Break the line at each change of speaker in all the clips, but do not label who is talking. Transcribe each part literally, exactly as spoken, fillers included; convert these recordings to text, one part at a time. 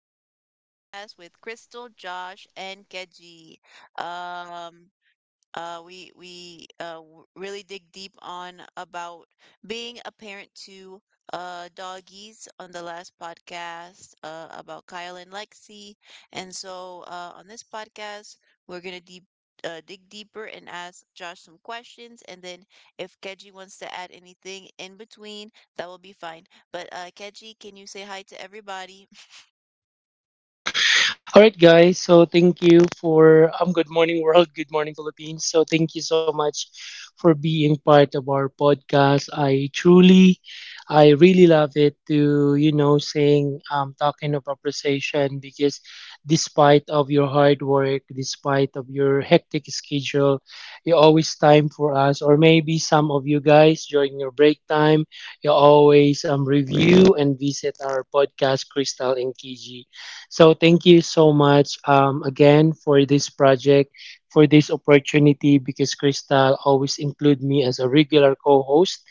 another podcast with Crystal, Josh, and Keji. Um, uh, we we uh, w- really dig deep on about being a parent to uh, doggies on the last podcast uh, about Kyle and Lexi, and so uh, on this podcast we're gonna deep uh, dig deeper and ask Josh some questions, and then if Keji wants to add anything in between, that will be fine. But uh, Keji, can you say hi to everybody?
All right, guys. So thank you for um. Good morning, world. Good morning, Philippines. So thank you so much for being part of our podcast. I truly, I really love it to you know saying um talking of appreciation because despite of your hard work, despite of your hectic schedule, you always time for us. Or maybe some of you guys during your break time, you always um review and visit our podcast, Crystal and K G. So thank you so much, um, again for this project, for this opportunity, because Crystal always include me as a regular co-host,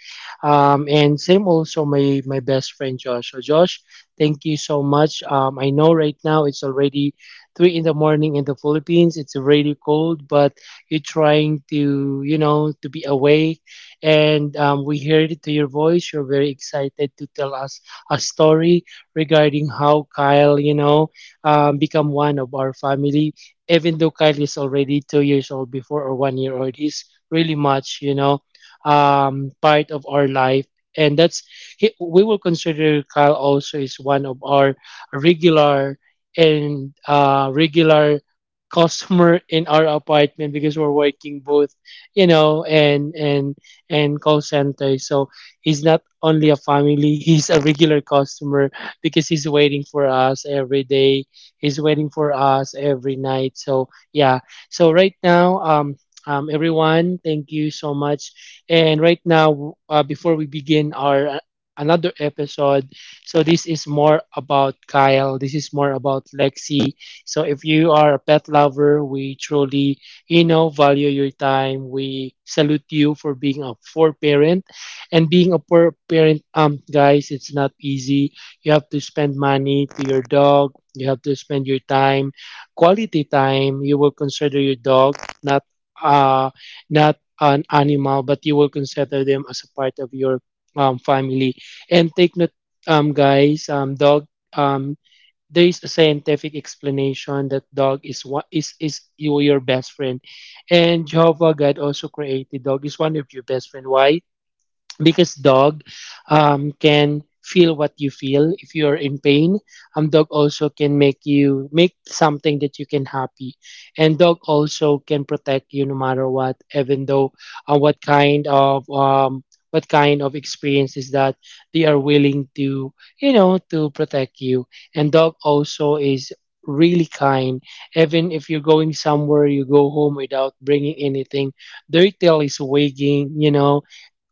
um, and same also my my best friend Josh. So Josh, thank you so much. Um, I know right now it's already three in the morning in the Philippines. It's really cold, but you're trying to you know to be awake, and um, we heard it to your voice. You're very excited to tell us a story regarding how Kyle, you know, um, become one of our family. Even though Kyle is already two years old before or one year old, he's really much, you know, um, part of our life. And that's he, we will consider Kyle also is one of our regular and uh, regular customer in our apartment because we're working both, you know, and and and call center. So he's not only a family; he's a regular customer because he's waiting for us every day. He's waiting for us every night. So yeah. So right now, um, um, everyone, thank you so much. And right now, uh, before we begin our uh, another episode, so this is more about Kyle. This is more about Lexi. So if you are a pet lover, we truly, you know, value your time. We salute you for being a poor parent and being a poor parent, um guys, it's not easy. You have to spend money to your dog. You have to spend your time, quality time. You will consider your dog not uh not an animal, but you will consider them as a part of your um family. And take note, um guys, um dog, um there is a scientific explanation that dog is what is is you your best friend, and Jehovah God also created dog is one of your best friend. Why? Because dog, um, can feel what you feel if you're in pain. Um dog also can make you make something that you can happy, and dog also can protect you no matter what. Even though uh, what kind of um what kind of experience is that, they are willing to, you know to protect you. And dog also is really kind. Even if you're going somewhere, you go home without bringing anything, their tail is wagging, you know,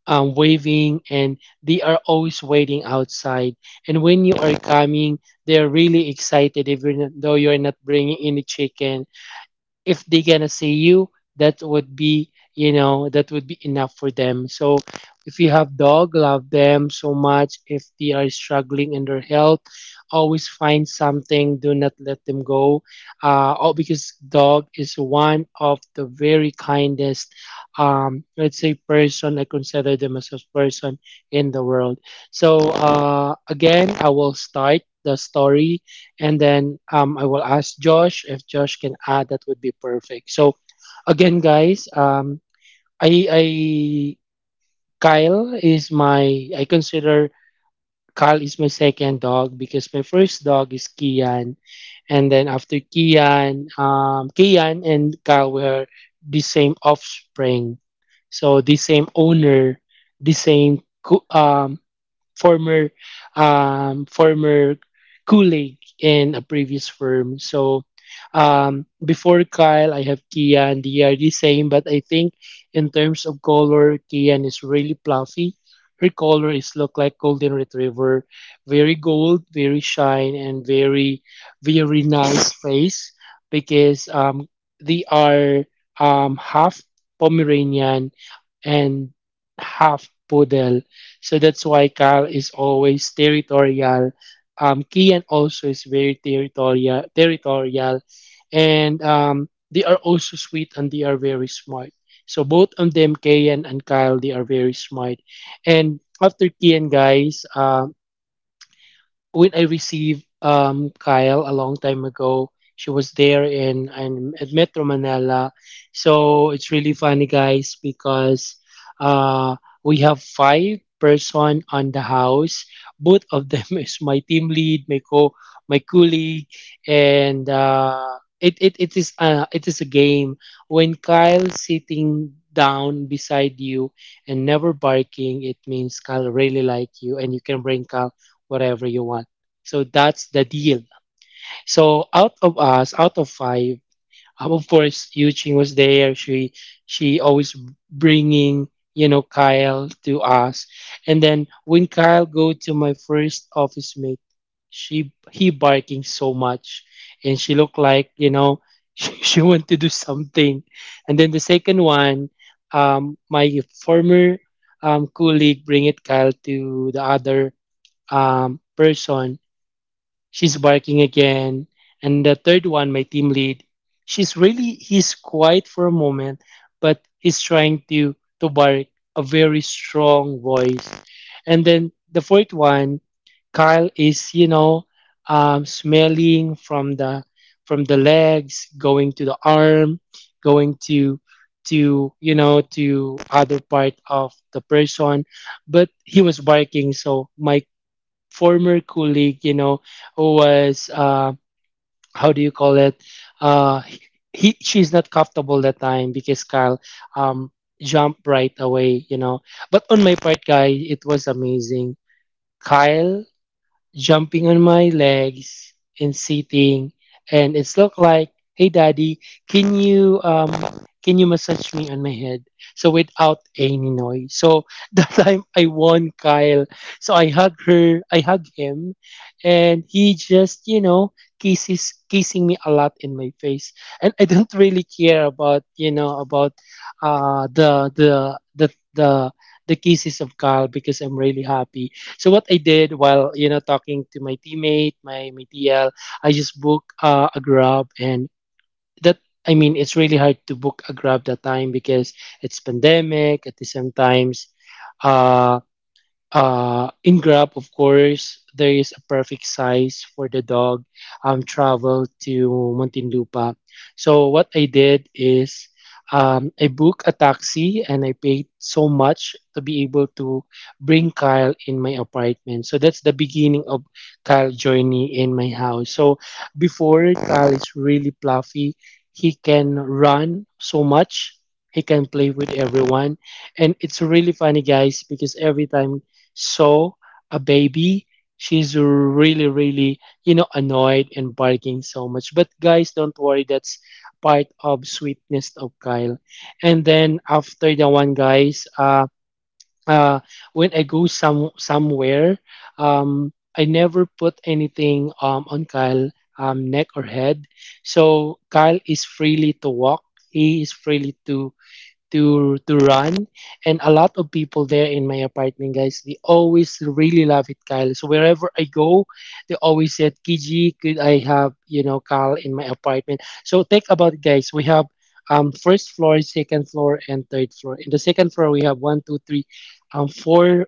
um, waving, and they are always waiting outside. And when you are coming, they are really excited even though you are not bringing any chicken. If they gonna see you, that would be, you know that would be enough for them. So if you have dog, love them so much. If they are struggling in their health, always find something. Do not let them go. uh, oh, because dog is one of the very kindest, um, let's say, person. I consider them as a person in the world. So uh, again, I will start the story, and then um, I will ask Josh if Josh can add. That would be perfect. So again, guys, um, I, I Kyle is my, I consider Kyle is my second dog because my first dog is Kian, and then after Kian, um, Kian and Kyle were the same offspring, so the same owner, the same co- um, former um, former colleague in a previous firm. So um, before Kyle, I have Kian. They are the same, but I think in terms of color, Kian is really fluffy. Her color is look like golden retriever, very gold, very shine, and very very nice face because um, they are um, half Pomeranian and half poodle. So that's why Kyle is always territorial. Um, Kian also is very territorial, territorial, and um, they are also sweet and they are very smart. So both of them, Kian and Kyle, they are very smart. And after Kian, guys, um when I received um, Kyle a long time ago. She was there in, in at Metro Manila. So it's really funny, guys, because uh, we have five person on the house. Both of them is my team lead, my co, my colleague, and uh, it, it it is uh, it is a game. When Kyle sitting down beside you and never barking, it means Kyle really like you, and you can bring Kyle whatever you want. So that's the deal. So out of us, out of five, um, of course, Yuching was there. She she always bringing, you know, Kyle to us, and then when Kyle go to my first office mate, she he barking so much, and she looked like, you know, she, she want to do something. And then the second one, um, my former um colleague bring it Kyle to the other um person. She's barking again. And the third one, my team lead, she's really, he's quiet for a moment, but he's trying to, to bark a very strong voice. And then the fourth one, Kyle is, you know, um, smelling from the, from the legs, going to the arm, going to, to, you know, to other part of the person, but he was barking. So my former colleague, you know, who was uh, how do you call it? Uh, he she's not comfortable that time because Kyle um jumped right away, you know. But on my part, guy, it was amazing. Kyle jumping on my legs and sitting, and it's look like, hey daddy, can you um can you massage me on my head, so without any noise. So that time I won Kyle, so I hug her I hug him, and he just, you know, kisses kissing me a lot in my face, and I don't really care about, you know, about uh the the the the the kisses of Kyle because I'm really happy. So what I did, while, you know, talking to my teammate, my my T L, I just booked uh, a Grab, and that I mean, it's really hard to book a Grab that time because it's pandemic. At the same times, uh, uh, in Grab, of course, there is a perfect size for the dog, um, travel to Muntinlupa. So what I did is, um, I booked a taxi and I paid so much to be able to bring Kyle in my apartment. So that's the beginning of Kyle journey in my house. So before Kyle is really fluffy, he can run so much. He can play with everyone, and it's really funny, guys, because every time, so, a baby, she's really, really, you know, annoyed and barking so much. But guys, don't worry, that's part of sweetness of Kyle. And then after the one, guys, uh, uh, when I go some somewhere, um, I never put anything um on Kyle um neck or head. So Kyle is freely to walk. He is freely to to to run. And a lot of people there in my apartment, guys, they always really love it Kyle. So wherever I go, they always said, Kiji, could I have, you know, Kyle in my apartment? So think about it, guys, we have um first floor, second floor, and third floor. In the second floor we have one two three um four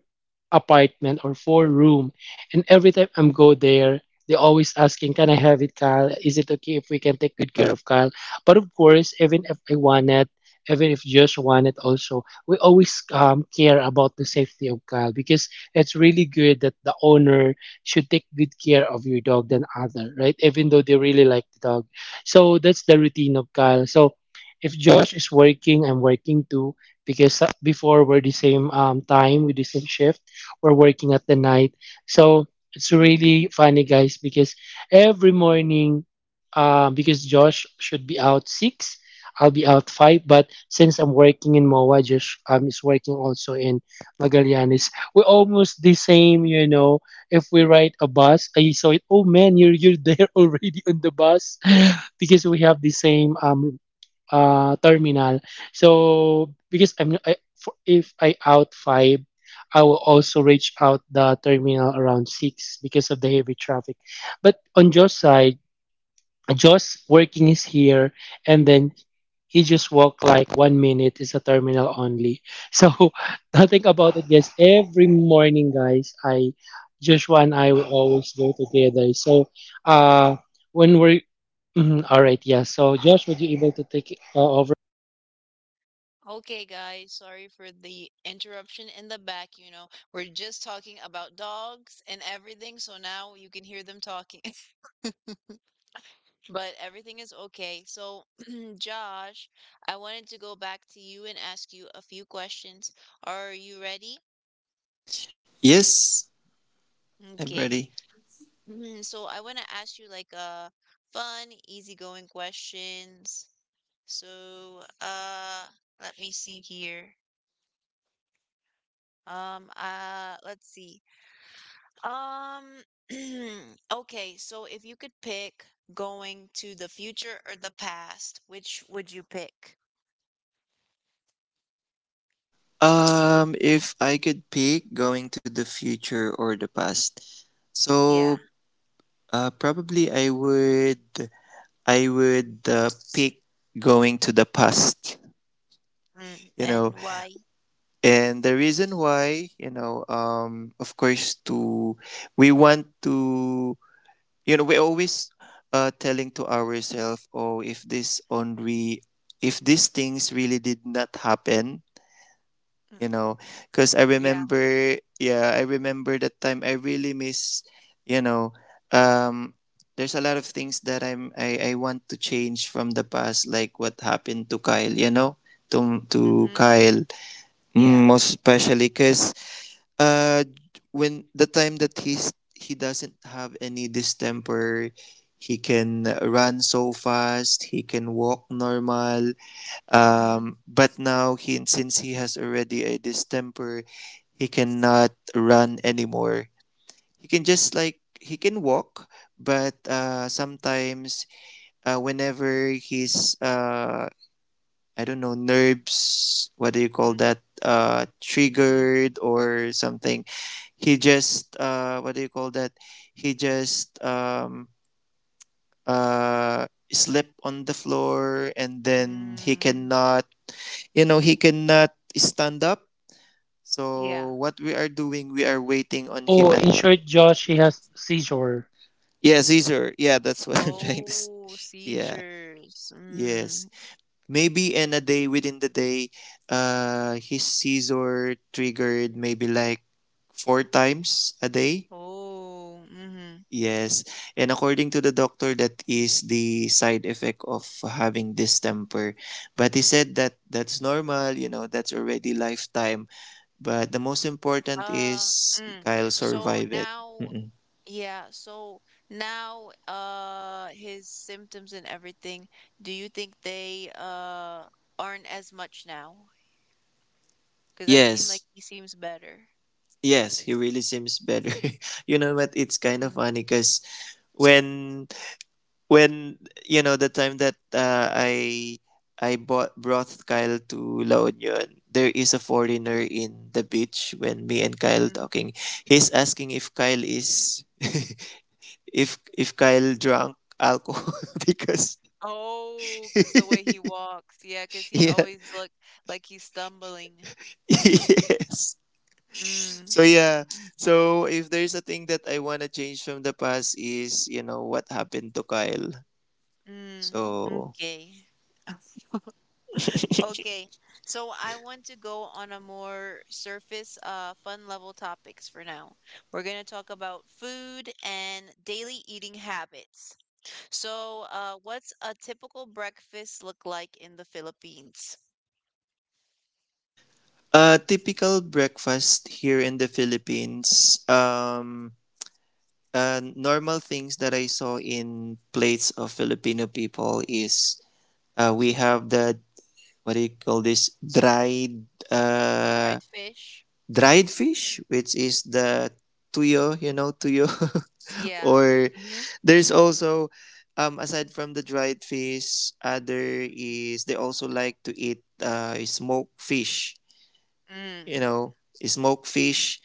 apartment or four room, and every time I'm go there, they always asking, can I have it Kyle? Is it okay if we can take good care of Kyle? But of course, even if I wanted, even if just one, it also, we always, um, care about the safety of Kyle because it's really good that the owner should take good care of your dog than other, right? Even though they really like the dog. So that's the routine of Kyle. So if Josh is working, I'm working too, because uh, before we're the same, um, time with the same shift, we're working at the night. So it's really funny, guys, because every morning, um, because Josh should be out six. I'll be out five, but since I'm working in M O A, Josh, um, is working also in Magallanes. We're almost the same, you know. If we ride a bus, I saw it. Oh man, you're you're there already on the bus because we have the same um uh terminal. So because I'm I, for, if I out five, I will also reach out the terminal around six because of the heavy traffic. But on Josh's side, Josh working is here, and then he just walked like one minute. It's a terminal only. So nothing about it. Yes, every morning, guys, I Joshua and I will always go together. So uh, when we're Mhm, all right, yeah. So Josh, would you able to take uh, over?
Okay, guys, sorry for the interruption in the back. You know, we're just talking about dogs and everything, so now you can hear them talking, but everything is okay. So, Josh, I wanted to go back to you and ask you a few questions. Are you ready?
Yes, I'm
Okay.
ready.
Mhm. So, I want to ask you like uh fun, easygoing questions. So, uh, let me see here. Um, uh, let's see. Um, okay, so if you could pick going to the future or the past, which would you pick?
Um, if I could pick going to the future or the past,
Yeah.
so uh, probably I would I would uh, pick going to the past.
Mm,
You
and
know,
why?
and the reason why, you know, um, of course, to we want to, you know, we always uh telling to ourselves, oh, if this only, if these things really did not happen,
Mm,
you know because I
yeah.
remember, yeah, I remember that time I really miss, you know, um there's a lot of things that i'm i, I want to change from the past, like what happened to Kyle, you know to, to
Mm-hmm.
Kyle.
Yeah.
Mm, most especially because uh when the time that he's he doesn't have any distemper, he can run so fast, he can walk normal.
Mm-hmm.
Um, but now, he, since he has already a distemper, he cannot run anymore. He can just, like, he can walk, but uh, sometimes uh, whenever his uh, I don't know, nerves, what do you call
Mm,
that? Uh,
hmm, yeah. mm hmm mm hmm
triggered or something. He just uh, what do you call that? He just um, uh, slip on the floor and then he
Mm,
cannot, you know, he cannot stand up.
yeah.
So what we are doing, we are waiting on
Oh,
him. And
in short, Josh, he has seizure.
yes, caesar, yeah, that's what I'm trying to s
Oh,
yeah,
seizures.
yes.
Mm.
Maybe in a day, within the day, uh his caesar triggered maybe like four times a day.
Oh, mm-hmm.
Yes. And according to the doctor, that is the side effect of having distemper. But he said that that's normal, you know, that's already lifetime. But the most important is
Uh, mm.
Kyle
So
survive it.
now.
Mm-mm.
Yeah, so now uh his symptoms and everything, do you think they uh aren't as much now? 'Cause I seem
Yes,
like he seems better.
yes, he really seems better. You know what? It's kind of funny because when when you know the time that uh, I I bought brought Kyle to La Union. There is a foreigner in the beach when me and Kyle
Mm-hmm.
talking. He's asking if Kyle is if if Kyle drunk alcohol because
Oh, 'cause the way he walks. Yeah, 'cause he
yeah
always look like he's stumbling.
yes.
Mm,
So yeah, so if there's a thing that I wanna change from the past is you know what happened to Kyle.
mm,
So
okay. Okay. So I want to go on a more surface, uh, fun level topics for now. We're gonna talk about food and daily eating habits. So, uh, what's a typical breakfast look like in the Philippines?
a typical breakfast here in the Philippines. Um, uh, normal things that I saw in plates of Filipino people is, uh, we have the, what do you call this, dried, uh
Fried fish?
dried fish, which is the tuyo, you know, tuyo.
Yeah.
Or
Mm-hmm.
there's also, um aside from the dried fish, other is they also like to eat uh smoked fish. You
Mm.
know, smoked fish,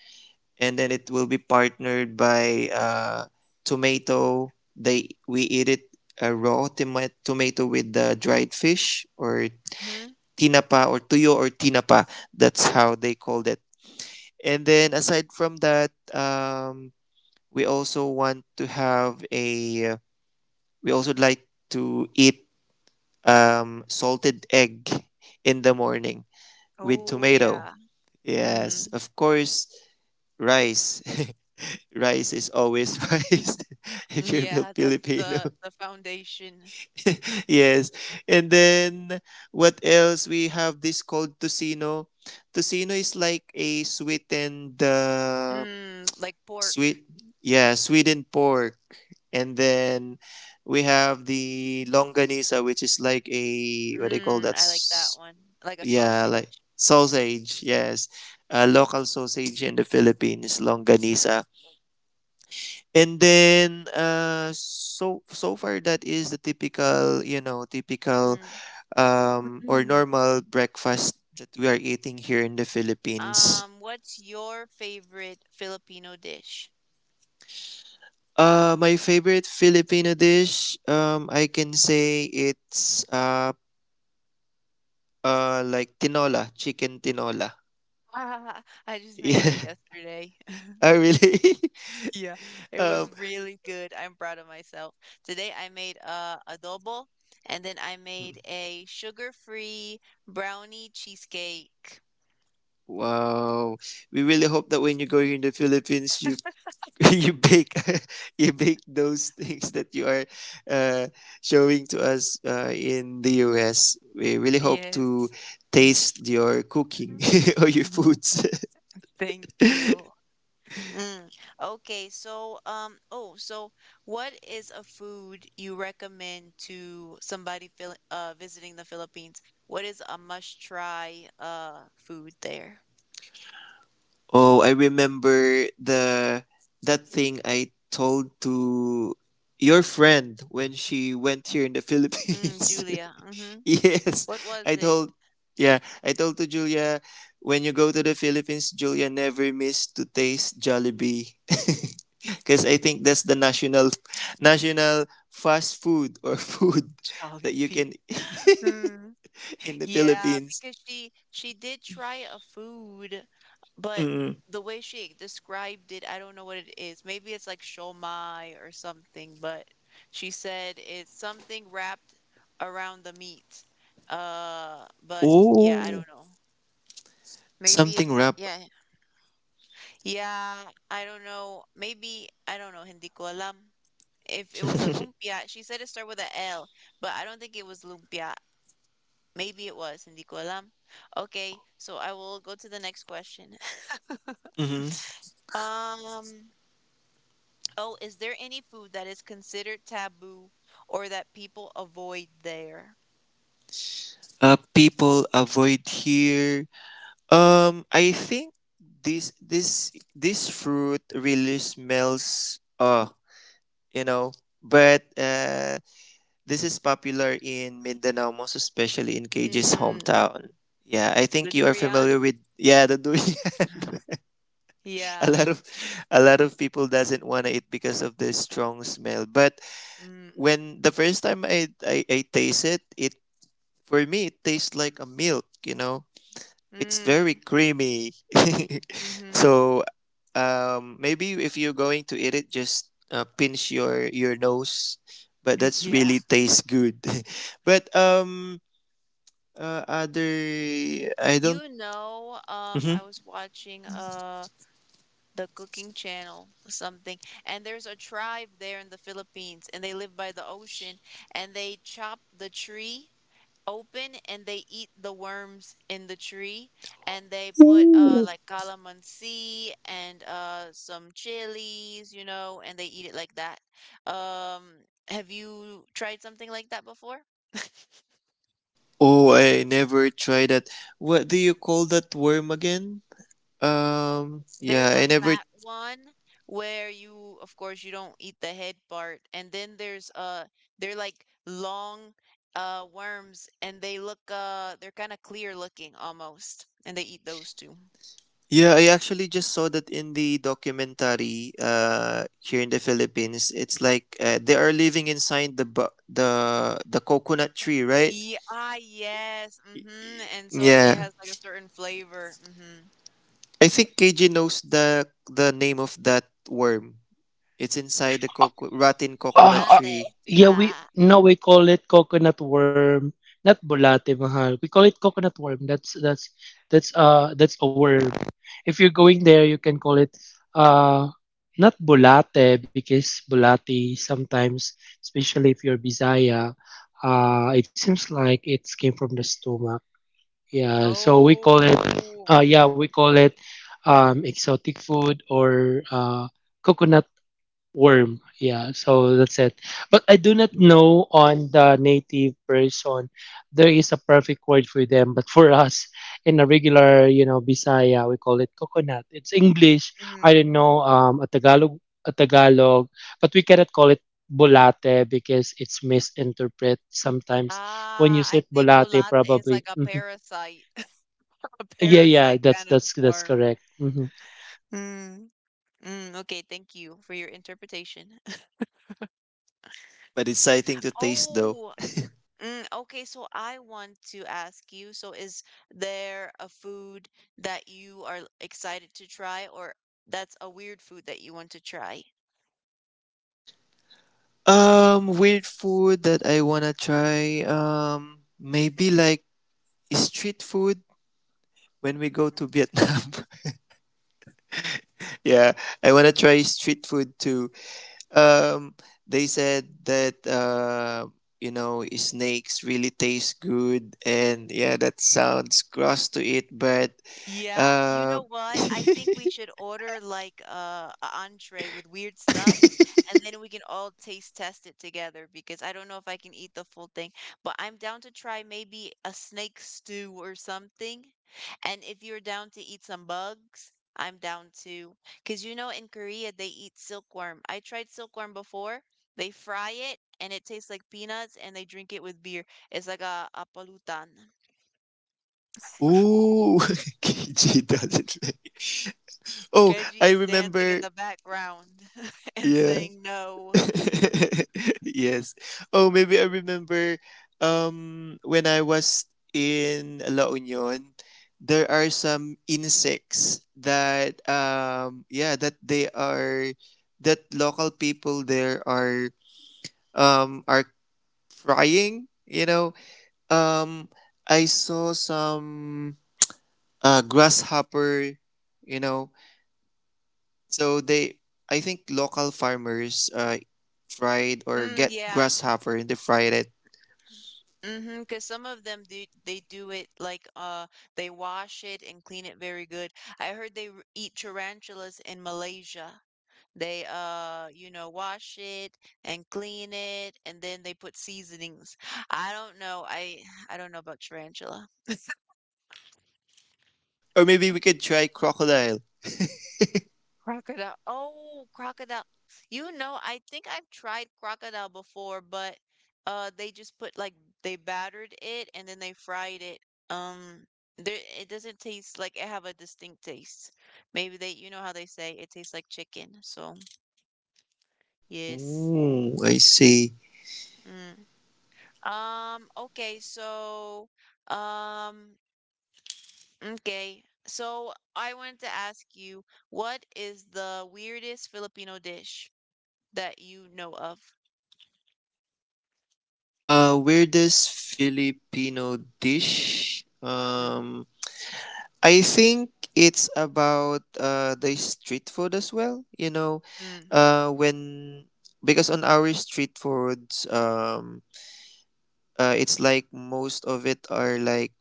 and then it will be partnered by uh tomato. They We eat it a raw toma- tomato with the dried fish, or
Mm-hmm.
tinapa or tuyo or tinapa. That's how they called it. And then aside from that, um, we also want to have a, we also like to eat um, salted egg in the morning with
Oh,
tomato.
yeah.
Yes,
Mm-hmm.
of course, rice. Rice is always rice, if
Mm.
you're Fil-
Yeah, that's
Filipino.
the the foundation.
Yes. And then what else? We have this called tocino. Tocino is like a sweetened, uh,
Mm, like pork.
sweet, yeah, Sweden pork. And then we have the longanisa, which is like a, what do you call
Mm,
that?
I like that
S-
one. Like a
Yeah,
sausage.
like sausage, yes. A local sausage in the Philippines, longanisa. And then, uh, so so far that is the typical, you know, typical
Mm.
um, or normal breakfast that we are eating here in the Philippines.
Um, what's your favorite Filipino dish?
Uh, my favorite Filipino dish, um, I can say it's, uh, uh, like tinola, chicken tinola.
Ah, I just made
Yeah.
that yesterday.
Oh, really?
Yeah, it
um,
was really good. I'm proud of myself. Today I made uh, adobo, and then I made a sugar-free brownie cheesecake.
wow. We really hope that when you go here in the Philippines, you you bake you bake those things that you are, uh, showing to us, uh, in the U S. We really hope to
Yes. Mm.
taste your cooking or your foods.
Thank you. Mm. Okay, so um oh, so what is a food you recommend to somebody Phil uh visiting the Philippines? What is a must try uh food there?
Oh, I remember the that thing I told to your friend when she went here in the
Mm,
Philippines.
Julia. Mm-hmm.
Yes,
What
I
was it?
told yeah, I told to Julia, when you go to the Philippines, Julia, never miss to taste Jollibee. Cuz I think that's the national national fast food or food that you
Jollibee.
can
Mm.
in the
Yeah,
Philippines.
because she she did try a food, but
Mm.
the way she described it, I don't know what it is. Maybe it's like shomai or something, but she said it's something wrapped around the meat. Uh, but yeah,
Oh,
I don't know. Maybe
something
it's
wrap.
yeah. Yeah, I don't know. Maybe I don't know, hindi ko alam. If it was a lumpia, she said it started with a L, but I don't think it was lumpia. Maybe it was, hindi ko alam. Okay, so I will go to the next question.
Mm-hmm.
Um, oh, is there any food that is considered taboo or that people avoid there?
Uh, people avoid here. Um, I think this this this fruit really smells. Uh, you know, but uh, this is popular in Mindanao, most especially in K J's
Mm,
hometown. Yeah, I
the
think you are
durian?
familiar with, yeah, the durian. a
Yeah.
lot of a lot of people doesn't want to eat because of the strong smell. But
Mm,
when the first time I I, I taste it, it for me it tastes like a milk. You know, it's very
mm,
creamy.
mm-hmm.
So um, maybe if you're going to eat it, just uh, pinch your your nose. But that's really
Yeah.
tastes good. But um, uh, other, I don't.
You know, um,
Mhm.
I was watching uh The Cooking Channel, or something. And there's a tribe there in the Philippines, and they live by the ocean, and they chop the tree open and they eat the worms in the tree, and they put uh
Ooh.
like calamansi and uh some chilies, you know, and they eat it like that. Um, have you tried something like that before?
Oh, I never tried that. What do you call that worm again? Um,
There's
yeah,
a
I never.
fat one where you, of course, you don't eat the head part, and then there's uh they're like long uh worms, and they look uh they're kind of clear looking almost, and they eat those too.
Yeah, I actually just saw that in the documentary uh here in the Philippines. It's like, uh, they are living inside the bu- the the coconut tree, right?
Yeah, ah, yes. Mm-hmm. And so it
Yeah.
has like a certain flavor. Mm-hmm.
I think K J knows the the name of that worm. It's inside the coco- rotten coconut
Bulate.
Ah,
tree,
uh, yeah,
Ah.
we no, we call it coconut worm, not bulate mahal. We call it coconut worm. That's that's that's uh that's a worm. If you're going there, you can call it uh not bulate, because bulati sometimes, especially if you're Bisaya, uh, it seems like it came from the stomach. Yeah, so we call it
Oh.
uh yeah
Mm,
we call it um exotic food or uh coconut worm. Yeah, so that's it. But I do not know on the native person there is a perfect word for them. But for us in a regular, you know, Bisaya, we call it coconut. It's English. I don't
mm.
know um a Tagalog a Tagalog, but we cannot call it bolate because it's misinterpreted sometimes. When you
Ah, I
said
think
bolate,
bulate is like
probably.
a
Mhm.
parasite, a
Yeah, yeah,
parasite
that's
kind of
that's that's
worm.
correct. Hmm.
Mm. Mm, okay, thank you for your interpretation.
but exciting to taste though.
Oh. Mm, okay, so I want to ask you, so is there a food that you are excited to try, or that's a weird food that you want to try?
Um weird food that I want to try, um maybe like street food when we go to Vietnam. Yeah, I want to try street food too. Um, they said that, uh, you know, snakes really taste good, and yeah, that sounds gross to it, but
Yeah, you
uh,
know what? I think we should order like uh, a entree with weird stuff, and then we can all taste test it together because I don't know if I can eat the full thing, but I'm down to try maybe a snake stew or something. And if you're down to eat some bugs, I'm down to. Because you know, in Korea, they eat silkworm. I tried silkworm before. They fry it, and it tastes like peanuts, and they drink it with beer. It's like a, a palutan.
ooh, K G doesn't like. Oh,
Keji
I
is dancing in
remember.
the background and
Yeah,
saying no.
yes. Oh, maybe I remember um when I was in La Union. There are some insects that, um yeah, that they are, that local people there are, um are frying, you know. Um I saw some uh grasshopper, you know. So they, I think local farmers, uh, fried or
Mm,
get
yeah.
grasshopper and they fried it.
Mm-hmm. Because some of them do they do it like uh they wash it and clean it very good. I heard they r- eat tarantulas in Malaysia. They uh you know wash it and clean it, and then they put seasonings. I don't know. I I don't know about tarantula.
Or maybe we could try crocodile.
Crocodile. Oh, crocodile. You know, I think I've tried crocodile before, but uh they just put like they battered it, and then they fried it. Um there it doesn't taste like it have a distinct taste. Maybe they you know how they say it tastes like chicken. So, yes.
Oh, I see.
Mm. Um okay, so um okay. So I wanted to ask you, what is the weirdest Filipino dish that you know of?
Uh, weirdest Filipino dish? Um, I think it's about, uh, the street food as well. You know,
Mm.
uh, when because on our street foods, um, uh, it's like most of it are like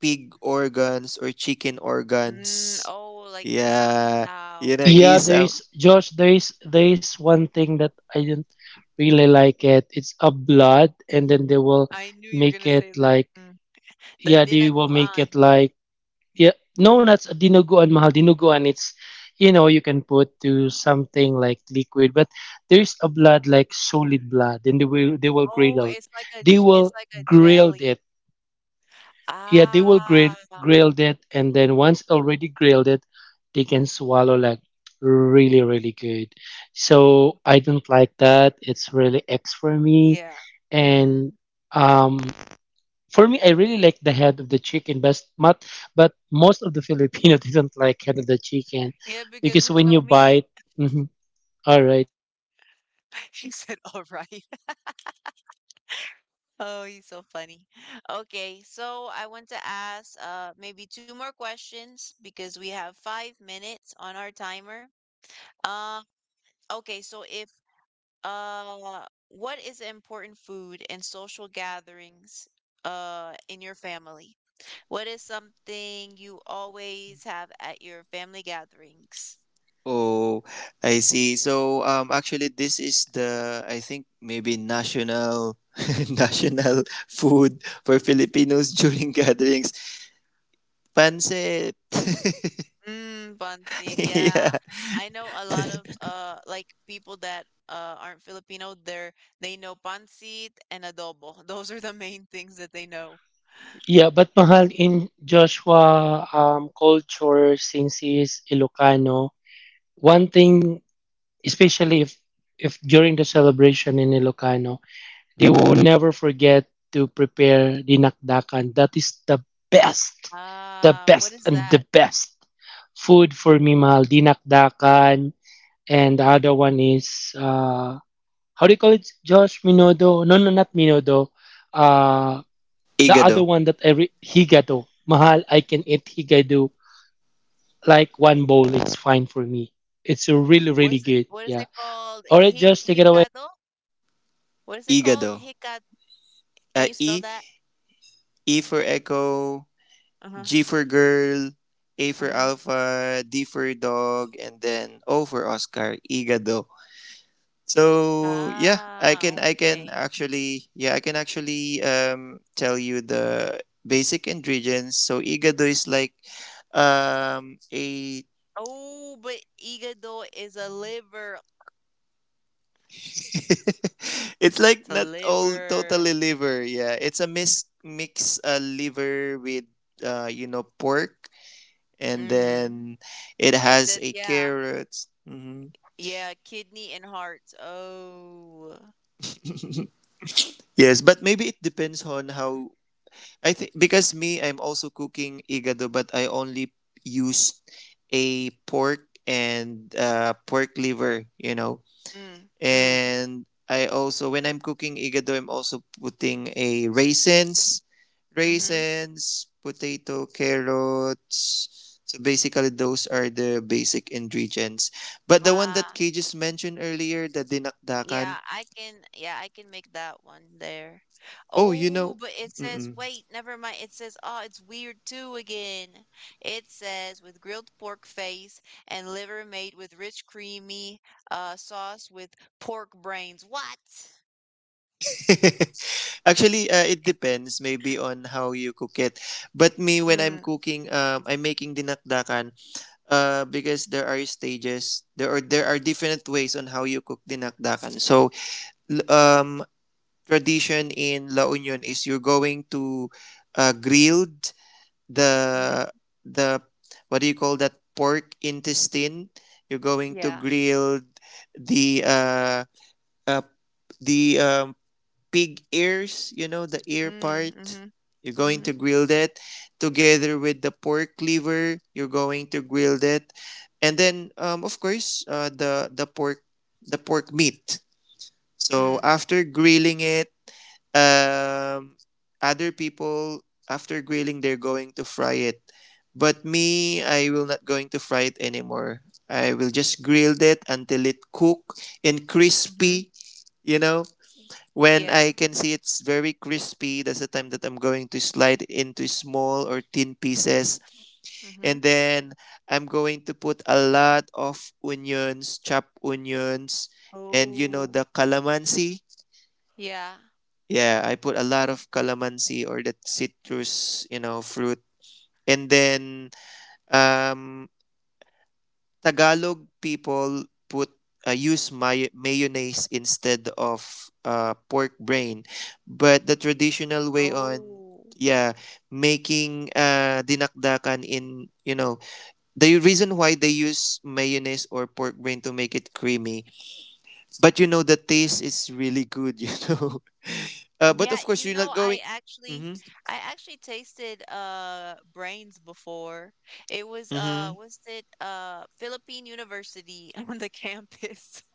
pig organs or chicken
Mm,
organs.
oh, like
Yeah, yun
isaw-isaw.
na
Yeah, there
isa.
is Josh. There is there is one thing that I didn't really like it. It's a blood, and then they will
I knew you were gonna
make
say
it
that.
like,
Mm. The
yeah, they will make
dinaguan.
it like yeah. No, that's dinuguan mahal. Dinuguan, it's, you know, you can put to something like liquid, but there's a blood like solid blood, and they will they will grill
Oh,
out.
it's like a
They
j- it's
will
like a
grill
jelly.
it yeah, they will grill
Ah,
grill it, and then once already grilled it, they can swallow like really, really good. So I don't like that. It's really X for me.
yeah.
And
Mm.
um, for me, I really like the head of the chicken, but but but most of the Filipino they not like head of the chicken
Yeah,
because
because
when
there's
you
no
bite,
meat.
mhm, all right.
She said, "All right." Oh, he's so funny. Okay, so I want to ask uh maybe two more questions because we have five minutes on our timer. Uh, okay, so if Uh, what is important food in social gatherings uh in your family? What is something you always have at your family gatherings?
Oh, I see. So um actually this is the, I think maybe national national food for Filipinos during gatherings. Pancit.
Mm, bun seed. Yeah.
Yeah.
I know a lot of uh like people that uh aren't Filipino, they're they know pancit and adobo. Those are the main things that they know.
Yeah, but mahal, in Joshua, um, culture, since he is Ilocano, one thing, especially if if during the celebration in Ilocano, they will never forget to prepare the nakdakan. That is the best, the
Ah, what
best
is
and the
that?
best food for me, mahal. The nakdakan, and the other one is, uh how do you call it, Josh? Minodo? No, no, not Minodo. Uh, the other
Igado.
one that I re- higado, mahal. I can eat higado like one bowl. It's fine for me. It's really,
What
really
is it,
good.
what is
Yeah.
it called?
All right,
Hi
Josh, take it away.
hikado? What is it called?
Igado.
Hikad. Can
Uh,
you spell
e
that?
E for echo,
Uh-huh.
G for girl, A for
Uh-huh.
alpha, D for dog, and then O for Oscar. Igado. So yeah, I
Ah,
can I can
okay.
actually, yeah, I can actually um tell you the basic ingredients. So igado is like um a,
Oh, but hígado is a liver.
it's
It's
like
a
not all
liver.
totally liver. Yeah, it's a mix mix uh, liver with uh you know pork, and
Mm-hmm.
then it
It
has
says,
a
yeah,
carrot. Hmm.
yeah, kidney and heart. Oh.
Yes, but maybe it depends on how I think because me, I'm also cooking igado, but I only used a pork and uh, pork liver, you know.
Mm, mm,
And I also, when I'm cooking igado, I'm also putting a raisins,
mm-hmm.
raisins, potato, carrots. So basically, those are the basic ingredients. But the one that
Ah.
Kay just mentioned earlier, the dinakdakan.
Yeah, I can yeah, I can make that one there.
Oh, you
Oh,
know.
but it says
Mm-mm.
wait, never mind. It says oh, it's weird too again. It says with grilled pork face and liver made with rich creamy uh sauce with pork brains. What?
Actually, uh, it depends maybe on how you cook it. But me, when I'm
Mm,
cooking, um, I'm making dinakdakan, uh, because there are stages, there are, there are different ways on how you cook dinakdakan. So, l- um, tradition in La Union is you're going to, uh, grilled the,
mm,
the, what do you call that, pork intestine. You're going to
yeah.
grill the, uh, uh, the um, pig ears, you know, the ear
Mm,
part.
mhm.
You're going
Mhm.
to grill that together with the pork liver. You're going to grill that, and then um, of course uh, the the pork, the pork meat. So
Mm,
after grilling it, um, other people after grilling they're going to fry it, but me I will not going to fry it anymore. I will just grill that until it cook and
mhm.
crispy, you know, when
Yeah.
I can see it's very crispy, that's the time that I'm going to slide into small or thin pieces. And
Mhm.
then I'm going to put a lot of onions, chopped onions, and you know the
Oh.
calamansi.
Yeah.
Yeah, I put a lot of calamansi or that citrus, you know, fruit. And then um Tagalog people put, uh, use may- mayonnaise instead of uh, pork brain, but the traditional way on,
Oh.
yeah, making uh dinakdakan in, you know, the reason why they use mayonnaise or pork brain to make it creamy. But you know the taste is really good, you know, uh, but
Yeah,
of course
you
you're not
know, I
going.
actually
Mm-hmm,
I actually tasted uh brains before. It was uh
mm-hmm.
was it uh Philippine University on the campus.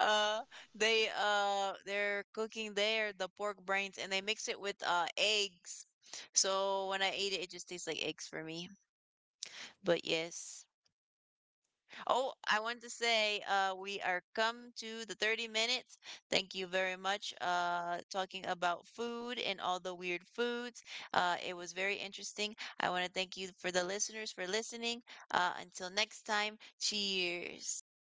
Uh they uh they're cooking there the pork brains, and they mix it with uh eggs. So when I ate it, it just tastes like eggs for me. But yes. Oh, I wanted to say uh, we are come to the thirty minutes. Thank you very much uh, talking about food and all the weird foods. Uh, it was very interesting. I want to thank you for the listeners for listening. Uh, until next time, cheers.